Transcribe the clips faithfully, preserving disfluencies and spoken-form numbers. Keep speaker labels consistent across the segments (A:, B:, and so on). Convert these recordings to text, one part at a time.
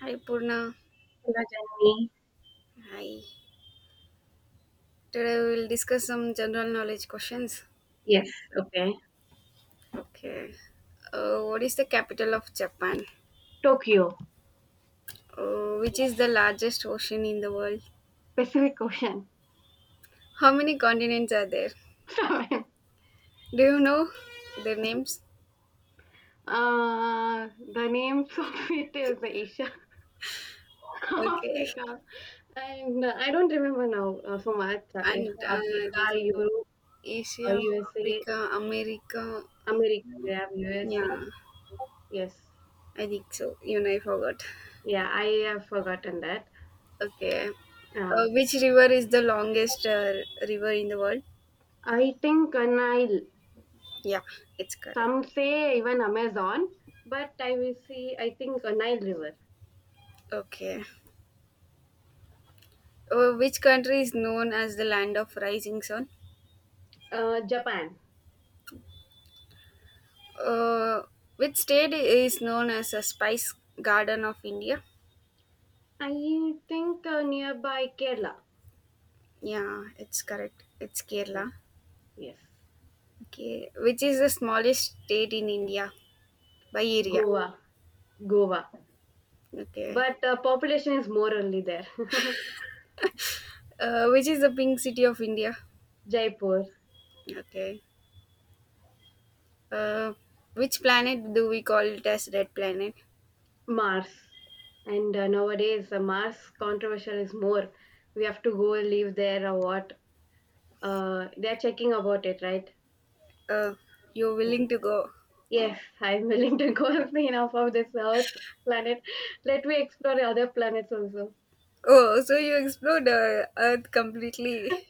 A: Hi Purna.
B: Iwatani.
A: Hi. Today we will discuss some general knowledge questions.
B: Yes, okay.
A: Okay. Uh, what is the capital of Japan?
B: Tokyo.
A: Uh, which is the largest ocean in the world?
B: Pacific Ocean.
A: How many continents are there?
B: Seven.
A: Do you know their names?
B: Uh, the names of it is Asia,
A: Okay.
B: Africa, and uh, I don't remember now uh, so much. Uh,
A: And
B: Asia,
A: uh, I
B: Africa,
A: think so.
B: Europe, uh,
A: Asia,
B: U S A,
A: Africa, America. uh,
B: America. We have U S A.
A: yeah,
B: Yes,
A: I think so. Even I forgot.
B: yeah, I have forgotten that.
A: Okay.
B: Uh,
A: Uh, which river is the longest uh, river in the world?
B: I think uh, Nile.
A: Yeah, it's correct.
B: Some say even Amazon, but I will see. I think uh, Nile River.
A: Okay. Uh, which country is known as the land of rising sun?
B: Uh, Japan.
A: Uh, which state is known as a spice garden of India?
B: I think uh, nearby Kerala.
A: Yeah, it's correct. It's
B: Yes,
A: Kerala.
B: yes.
A: Okay. Which is the smallest state in India by area?
B: Goa, Goa.
A: Okay.
B: But uh, population is more only there.
A: Uh, which is the pink city of India?
B: Jaipur.
A: Okay. Uh, which planet do we call it as red planet?
B: Mars, and uh, nowadays uh, Mars controversial is more. We have to go leave there or what? Uh, they are checking about it, right?
A: Uh, you're
B: Right.
A: willing to go.
B: Yes, I'm willing to go and see enough of this Earth planet. Let me explore other planets also.
A: Oh, so you explored uh, Earth completely.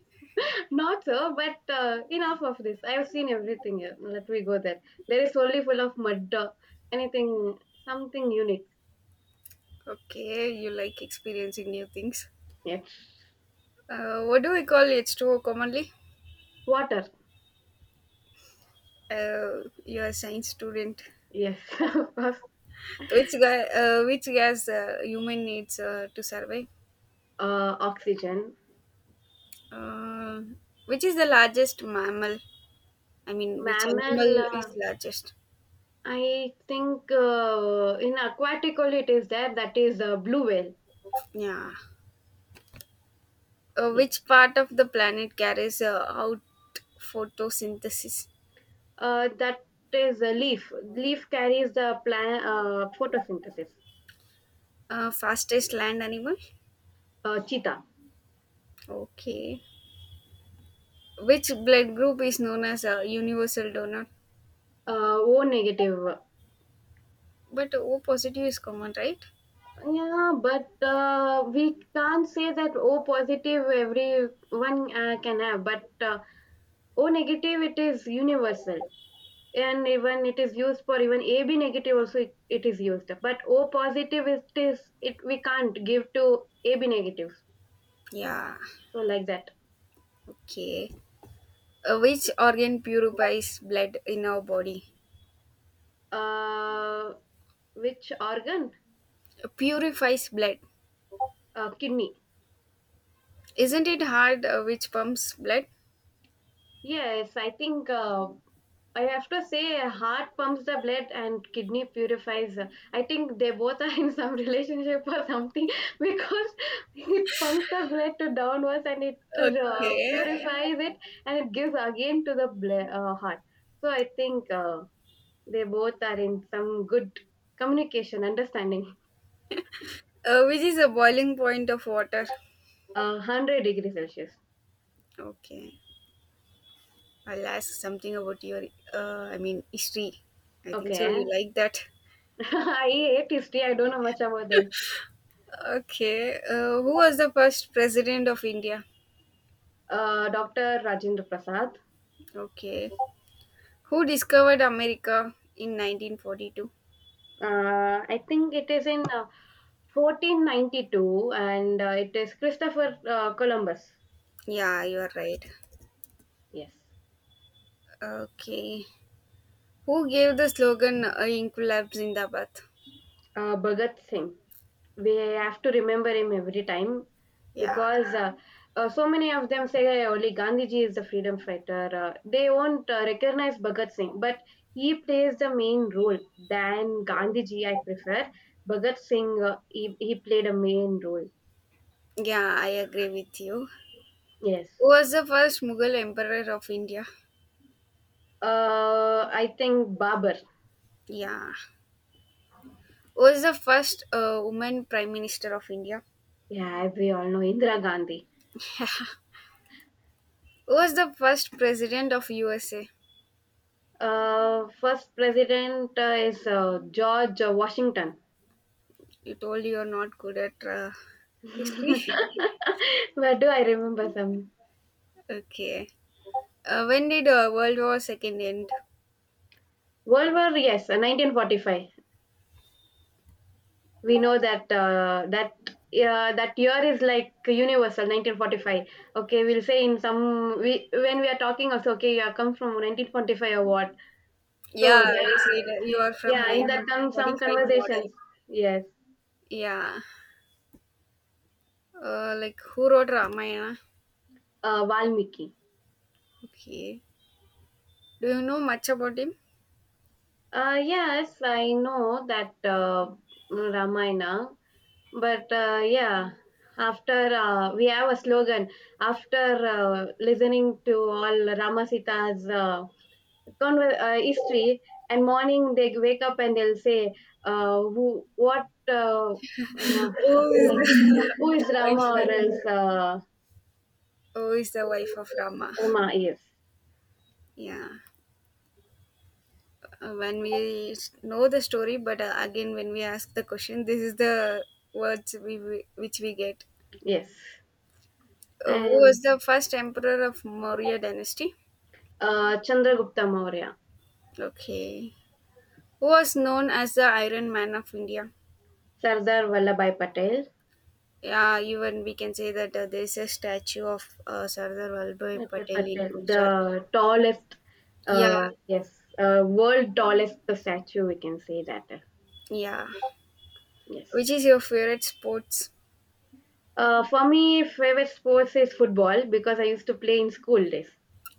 B: Not so, but uh, enough of this. I have seen everything here. Let me go there. There is only full of mud, uh, anything, something unique.
A: Okay, you like experiencing new things.
B: Yes.
A: Uh, what do we call H two O commonly?
B: Water.
A: Uh, you're a science student.
B: Yes, of course.
A: Which guy? Uh, which gas uh, human needs uh, to survive?
B: Uh, oxygen.
A: Uh, which is the largest mammal? I mean, which
B: Mammal.
A: animal
B: Uh,
A: is largest?
B: I think uh, in aquatic only it is there. That is uh, blue whale.
A: Yeah. Uh,
B: Yes.
A: which part of the planet carries uh, out photosynthesis?
B: Uh, that is a leaf. Leaf carries the plan uh, photosynthesis.
A: Uh, fastest land animal?
B: Uh, cheetah.
A: Okay. Which blood group is known as a universal donor?
B: Uh, o negative.
A: But O positive is common, right?
B: Yeah, but uh, we can't say that O positive everyone uh, can have, but uh, O negative it is universal, and even it is used for even A B negative also it, it is used. But O positive it is it we can't give to A B negative,
A: Yeah,
B: so like that.
A: okay. Uh, which organ purifies blood in our body?
B: Uh, which organ?
A: Uh, purifies blood.
B: Uh, kidney.
A: Isn't it heart uh, which pumps blood?
B: Yes, I think uh, I have to say, uh, heart pumps the blood and kidney purifies. uh, I think they both are in some relationship or something because it pumps the blood to downwards and it uh,
A: Okay.
B: purifies it and it gives again to the ble- uh, heart. So I think uh, they both are in some good communication, understanding.
A: Uh, which is the boiling point of water?
B: Uh, one hundred degree Celsius.
A: Okay. I'll ask something about your, uh, I mean, history. I think so.
B: Okay.
A: You like that.
B: I hate history. I don't know much about this.
A: Okay. Uh, who was the first president of India?
B: Uh, doctor Rajendra Prasad.
A: Okay. Who discovered America in nineteen forty-two?
B: Uh, I think it is in uh, fourteen ninety-two and uh, it is Christopher uh, Columbus.
A: Yeah, you are right.
B: Yes.
A: Okay. Who gave the slogan uh, Inqilab Zindabad?
B: Uh, Bhagat Singh. We have to remember him every time
A: Yeah.
B: because uh, uh, so many of them say, "Hey, only Gandhiji is the freedom fighter. Uh, they won't uh, recognize Bhagat Singh," but he plays the main role than Gandhiji, I prefer. Bhagat Singh, uh, he, he played a main role.
A: Yeah, I agree with you.
B: Yes.
A: Who was the first Mughal Emperor of India?
B: Uh, I think Babar.
A: Yeah. Who was the first uh, woman Prime Minister of India?
B: Yeah, we all know Indira Gandhi.
A: Who was the first President of U S A?
B: Uh, first president uh, is uh, George uh, Washington.
A: You told you're not good at uh, history.
B: Where do I remember some?
A: Okay. Uh, when did uh, World War Second end?
B: World War, yes, uh, nineteen forty-five. We know that uh, that uh, that year is like universal nineteen forty-five. Okay, we'll say in some we when we are talking also, okay, you have come from nineteen forty-five or what? So
A: Yeah,
B: that,
A: we said uh, you are from
B: yeah, in that come some
A: nineteen forty-five model.
B: conversations. Yes,
A: Yeah. Uh, like who wrote Ramayana?
B: uh, Valmiki.
A: Okay. Do you know much about him?
B: Uh, yes, I know that uh, Ramayana, but uh, yeah, after uh, we have a slogan after uh, listening to all Rama Sita's uh, conver- uh, history, and morning they wake up and they'll say, uh, "Who, what, uh, um,
A: Oh, is
B: like,
A: the
B: who is Rama
A: wife.
B: or else uh,
A: Oh, is the wife of Rama.
B: Rama?" Yes,
A: Yeah. Uh, When we s- know the story, but uh, again, when we ask the question, this is the words we we- which we get.
B: yes,
A: Uh, who
B: and
A: was the first emperor of Maurya dynasty?
B: uh, Chandragupta Maurya.
A: Okay. Who was known as the Iron Man of India?
B: Sardar Vallabhai Patel.
A: Yeah, even we can say that uh, there is a statue of uh, Sardar Vallabhbhai
B: F F.
A: Patel in
B: Patel,
A: Gujarat.
B: the tallest,
A: Yeah,
B: uh, yes, uh, world tallest statue, we can say that. uh,
A: yeah.
B: Yes.
A: Which is your favorite sports?
B: Uh, for me, favorite sports is football because I used to play in school days.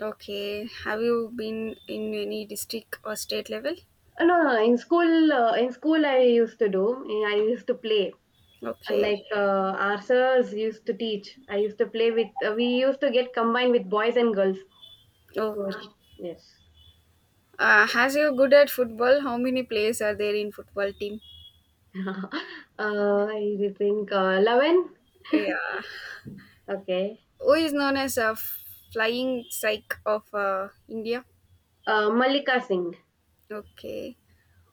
A: Okay. Have you been in any district or state level?
B: Uh, No, no, no, in school, uh, in school I used to do. I used to play. I like
A: Okay.
B: uh, our sirs used to teach. I used to play with. Uh, we used to get combined with boys and girls.
A: Okay.
B: So, yes.
A: Uh, as you're good at football, how many players are there in football team?
B: uh, I think uh, Lavan.
A: Yeah.
B: Okay.
A: Who is known as a flying psych of uh, India?
B: Uh, Malika Singh.
A: Okay.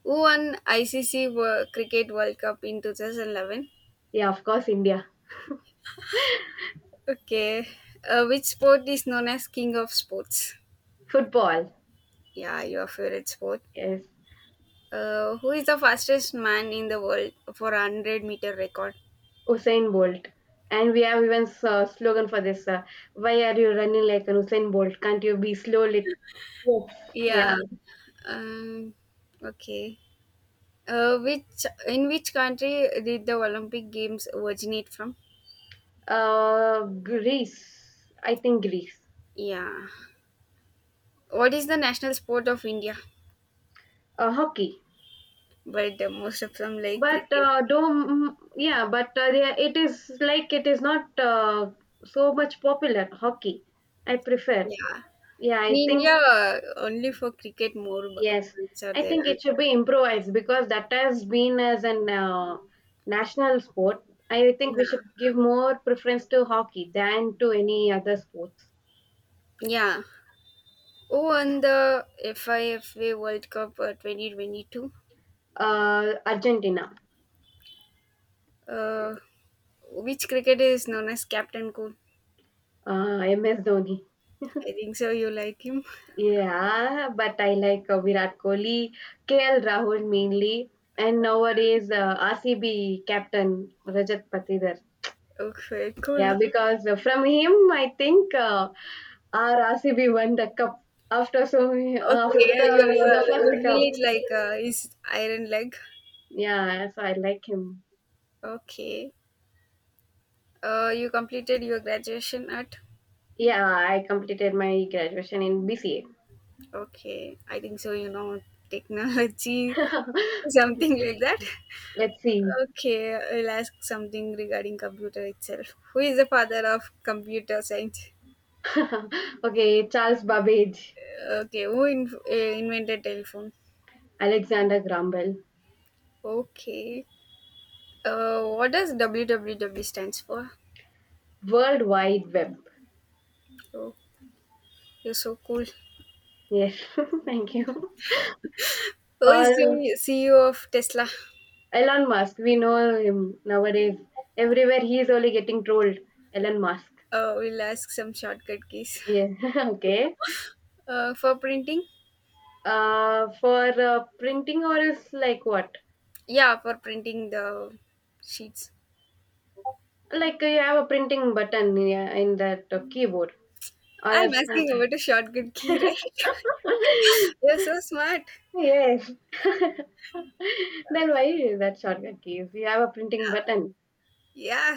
A: Who won I C C Wo- Cricket World Cup in twenty eleven?
B: Yeah, of course, India.
A: Okay. Uh, which sport is known as king of sports?
B: Football.
A: Yeah, your favorite sport.
B: Yes.
A: Uh, who is the fastest man in the world for a hundred meter record?
B: Usain Bolt. And we have even uh, slogan for this. Uh, Why are you running like an Usain Bolt? Can't you be slow? Lit- yes. Yeah.
A: Yeah. Um, okay. Uh, which in which country did the Olympic Games originate from?
B: Uh, Greece. I think Greece.
A: Yeah. What is the national sport of India?
B: Uh, hockey.
A: But uh, most of them like
B: But
A: cricket.
B: uh, do yeah, but uh, yeah, it is like it is not uh, so much popular hockey. I prefer.
A: Yeah.
B: Yeah,
A: In
B: I think.
A: India, uh, only for cricket more
B: Yes,
A: points are
B: I
A: there.
B: think it should be improvised because that has been as an uh, national sport. I think we should
A: Yeah.
B: give more preference to hockey than to any other sports.
A: Yeah. Who won the FIFA World Cup uh, twenty twenty-two?
B: Uh, Argentina.
A: Uh, which cricketer is known as Captain Cool?
B: uh, M S Dhoni.
A: I think so. You like him.
B: Yeah, but I like uh, Virat Kohli, K L Rahul mainly, and nowadays uh, R C B captain Rajat Patidar.
A: Okay,
B: Yeah,
A: cool.
B: because uh, from him, I think. Uh, our R C B won the cup after so many, after
A: Okay, yeah, your
B: the
A: your
B: first cup.
A: village like uh, is Iron Leg.
B: Yeah, so I like him.
A: Okay. Uh, you completed your graduation at.
B: Yeah, I completed my graduation in B C A.
A: Okay, I think so. You know technology, something like that.
B: Let's see.
A: Okay, I'll ask something regarding computer itself. Who is the father of computer science?
B: Okay, Charles Babbage.
A: Okay, who in, uh, invented telephone?
B: Alexander Graham Bell.
A: Okay. Uh, what does W W W stands for?
B: World Wide Web.
A: Oh, you're so cool.
B: Yes, thank you.
A: Who is
B: Or
A: the C E O of Tesla?
B: Elon Musk, we know him nowadays. Everywhere he is only getting trolled. Elon Musk.
A: Uh, we'll ask some shortcut keys.
B: Yeah, okay.
A: Uh, for printing?
B: Uh, for uh, printing or is like what?
A: Yeah, for printing the sheets.
B: Like uh, you have a printing button, yeah, in that uh, keyboard or
A: I'm
B: else.
A: asking about a shortcut key, right? You're so smart.
B: Yes. Then why is that shortcut keys? You have a printing button.
A: Yeah,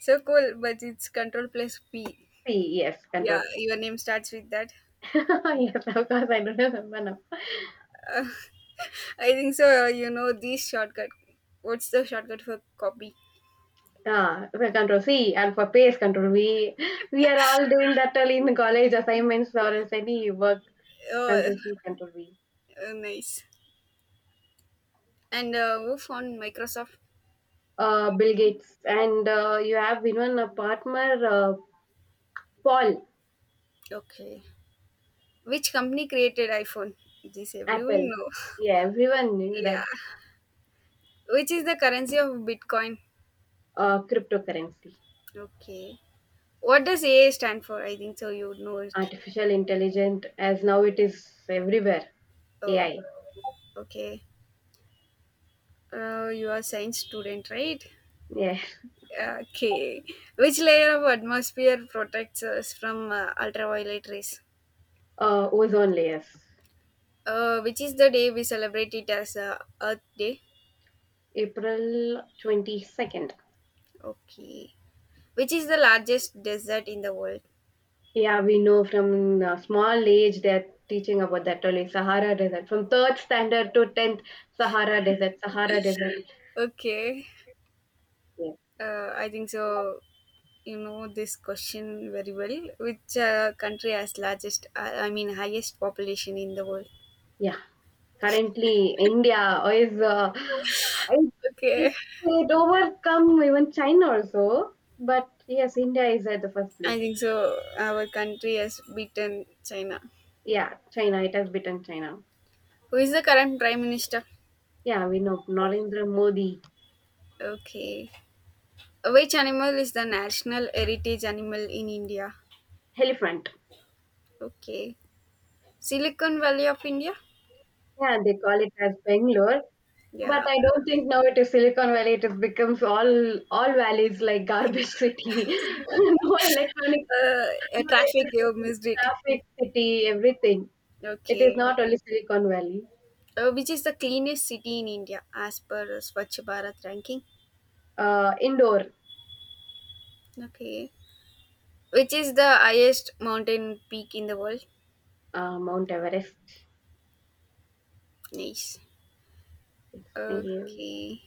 A: so cool, but it's control plus P.
B: C, yes, control.
A: Yeah, your name starts with that.
B: Yes, of course, I don't remember now.
A: I think so. uh, You know this shortcut. What's the shortcut for copy?
B: Ah, so control C, and for paste, control V. We are all doing that all in college assignments or else any work.
A: Oh,
B: Control C, control V.
A: uh, nice. And uh, move on Microsoft.
B: uh, Bill Gates, and uh, you have even a partner, uh, Paul.
A: Okay. Which company created iPhone? This everyone
B: Apple.
A: know.
B: Yeah, everyone knew that.
A: Yeah. Which is the currency of Bitcoin?
B: Uh, cryptocurrency.
A: Okay. What does A A stand for? I think so. You would know it.
B: Artificial intelligence, as now it is everywhere.
A: Oh,
B: A I.
A: okay. Uh, you are science student, right?
B: Yeah,
A: Okay. Which layer of atmosphere protects us from uh, ultraviolet rays?
B: uh, ozone layers.
A: Uh, which is the day we celebrate it as uh, Earth Day?
B: April twenty-second.
A: Okay. Which is the largest desert in the world?
B: Yeah, we know from uh, small age they're teaching about that only Sahara Desert. From third standard to tenth, Sahara Desert, Sahara Desert.
A: Okay.
B: Yeah,
A: Uh, I think so. You know this question very well. Which uh, country has largest, uh, I mean, highest population in the world?
B: yeah. Currently, India is uh, it, it
A: Okay.
B: it overcome even China also, but yes, India is at the first
A: I
B: place.
A: think so. Our country has beaten China.
B: Yeah, China. It has beaten China.
A: Who is the current prime minister?
B: Yeah, we know Narendra Modi.
A: Okay. Which animal is the national heritage animal in India?
B: Elephant.
A: Okay. Silicon Valley of India?
B: Yeah, they call it as Bangalore, but
A: Yeah.
B: I don't think now it is Silicon Valley. It has becomes all all valleys like garbage city, no electronic,
A: Uh, uh,
B: no
A: traffic, you
B: electricity,
A: missed it.
B: traffic city, everything. It is
A: Okay.
B: not only Silicon Valley.
A: Uh, which is the cleanest city in India as per Swachh Bharat ranking?
B: Uh, indoor.
A: Okay. Which is the highest mountain peak in the world?
B: Uh, Mount Everest.
A: Nice.
B: It's the
A: Okay.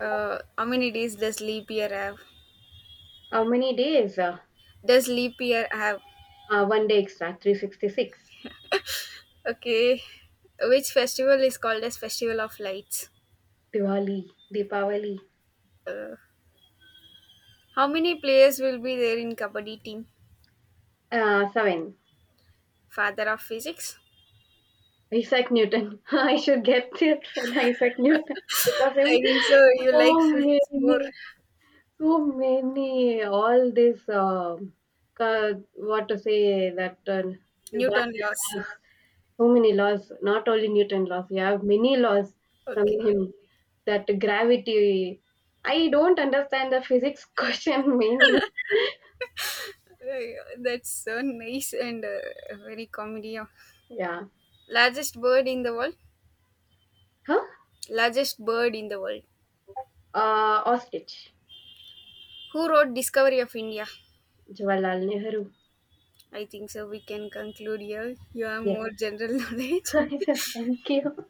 A: Uh, how many days does leap year have?
B: how many days? Uh,
A: Does leap year have?
B: uh, one day extra. three sixty-six.
A: Okay. Which festival is called as Festival of Lights?
B: Diwali, Deepavali.
A: Uh, how many players will be there in Kabaddi team?
B: Uh, seven.
A: Father of physics?
B: Isaac Newton. I should get it from Isaac Newton because I'm
A: I think so. You like
B: so many,
A: physics more.
B: so many. All this, um, ca- what to say that uh, you got
A: Newton laws.
B: this. So many laws, not only Newton laws, you have many laws from
A: Okay.
B: him, that gravity. I don't understand the physics question mainly.
A: Uh, That's so nice and uh, very comedy.
B: Yeah.
A: Largest bird in the world?
B: Huh?
A: Largest bird in the world.
B: Uh, ostrich.
A: Who wrote Discovery of India?
B: Jawaharlal Nehru.
A: I think so. We can conclude here. You have
B: Yes.
A: more general knowledge.
B: Thank you.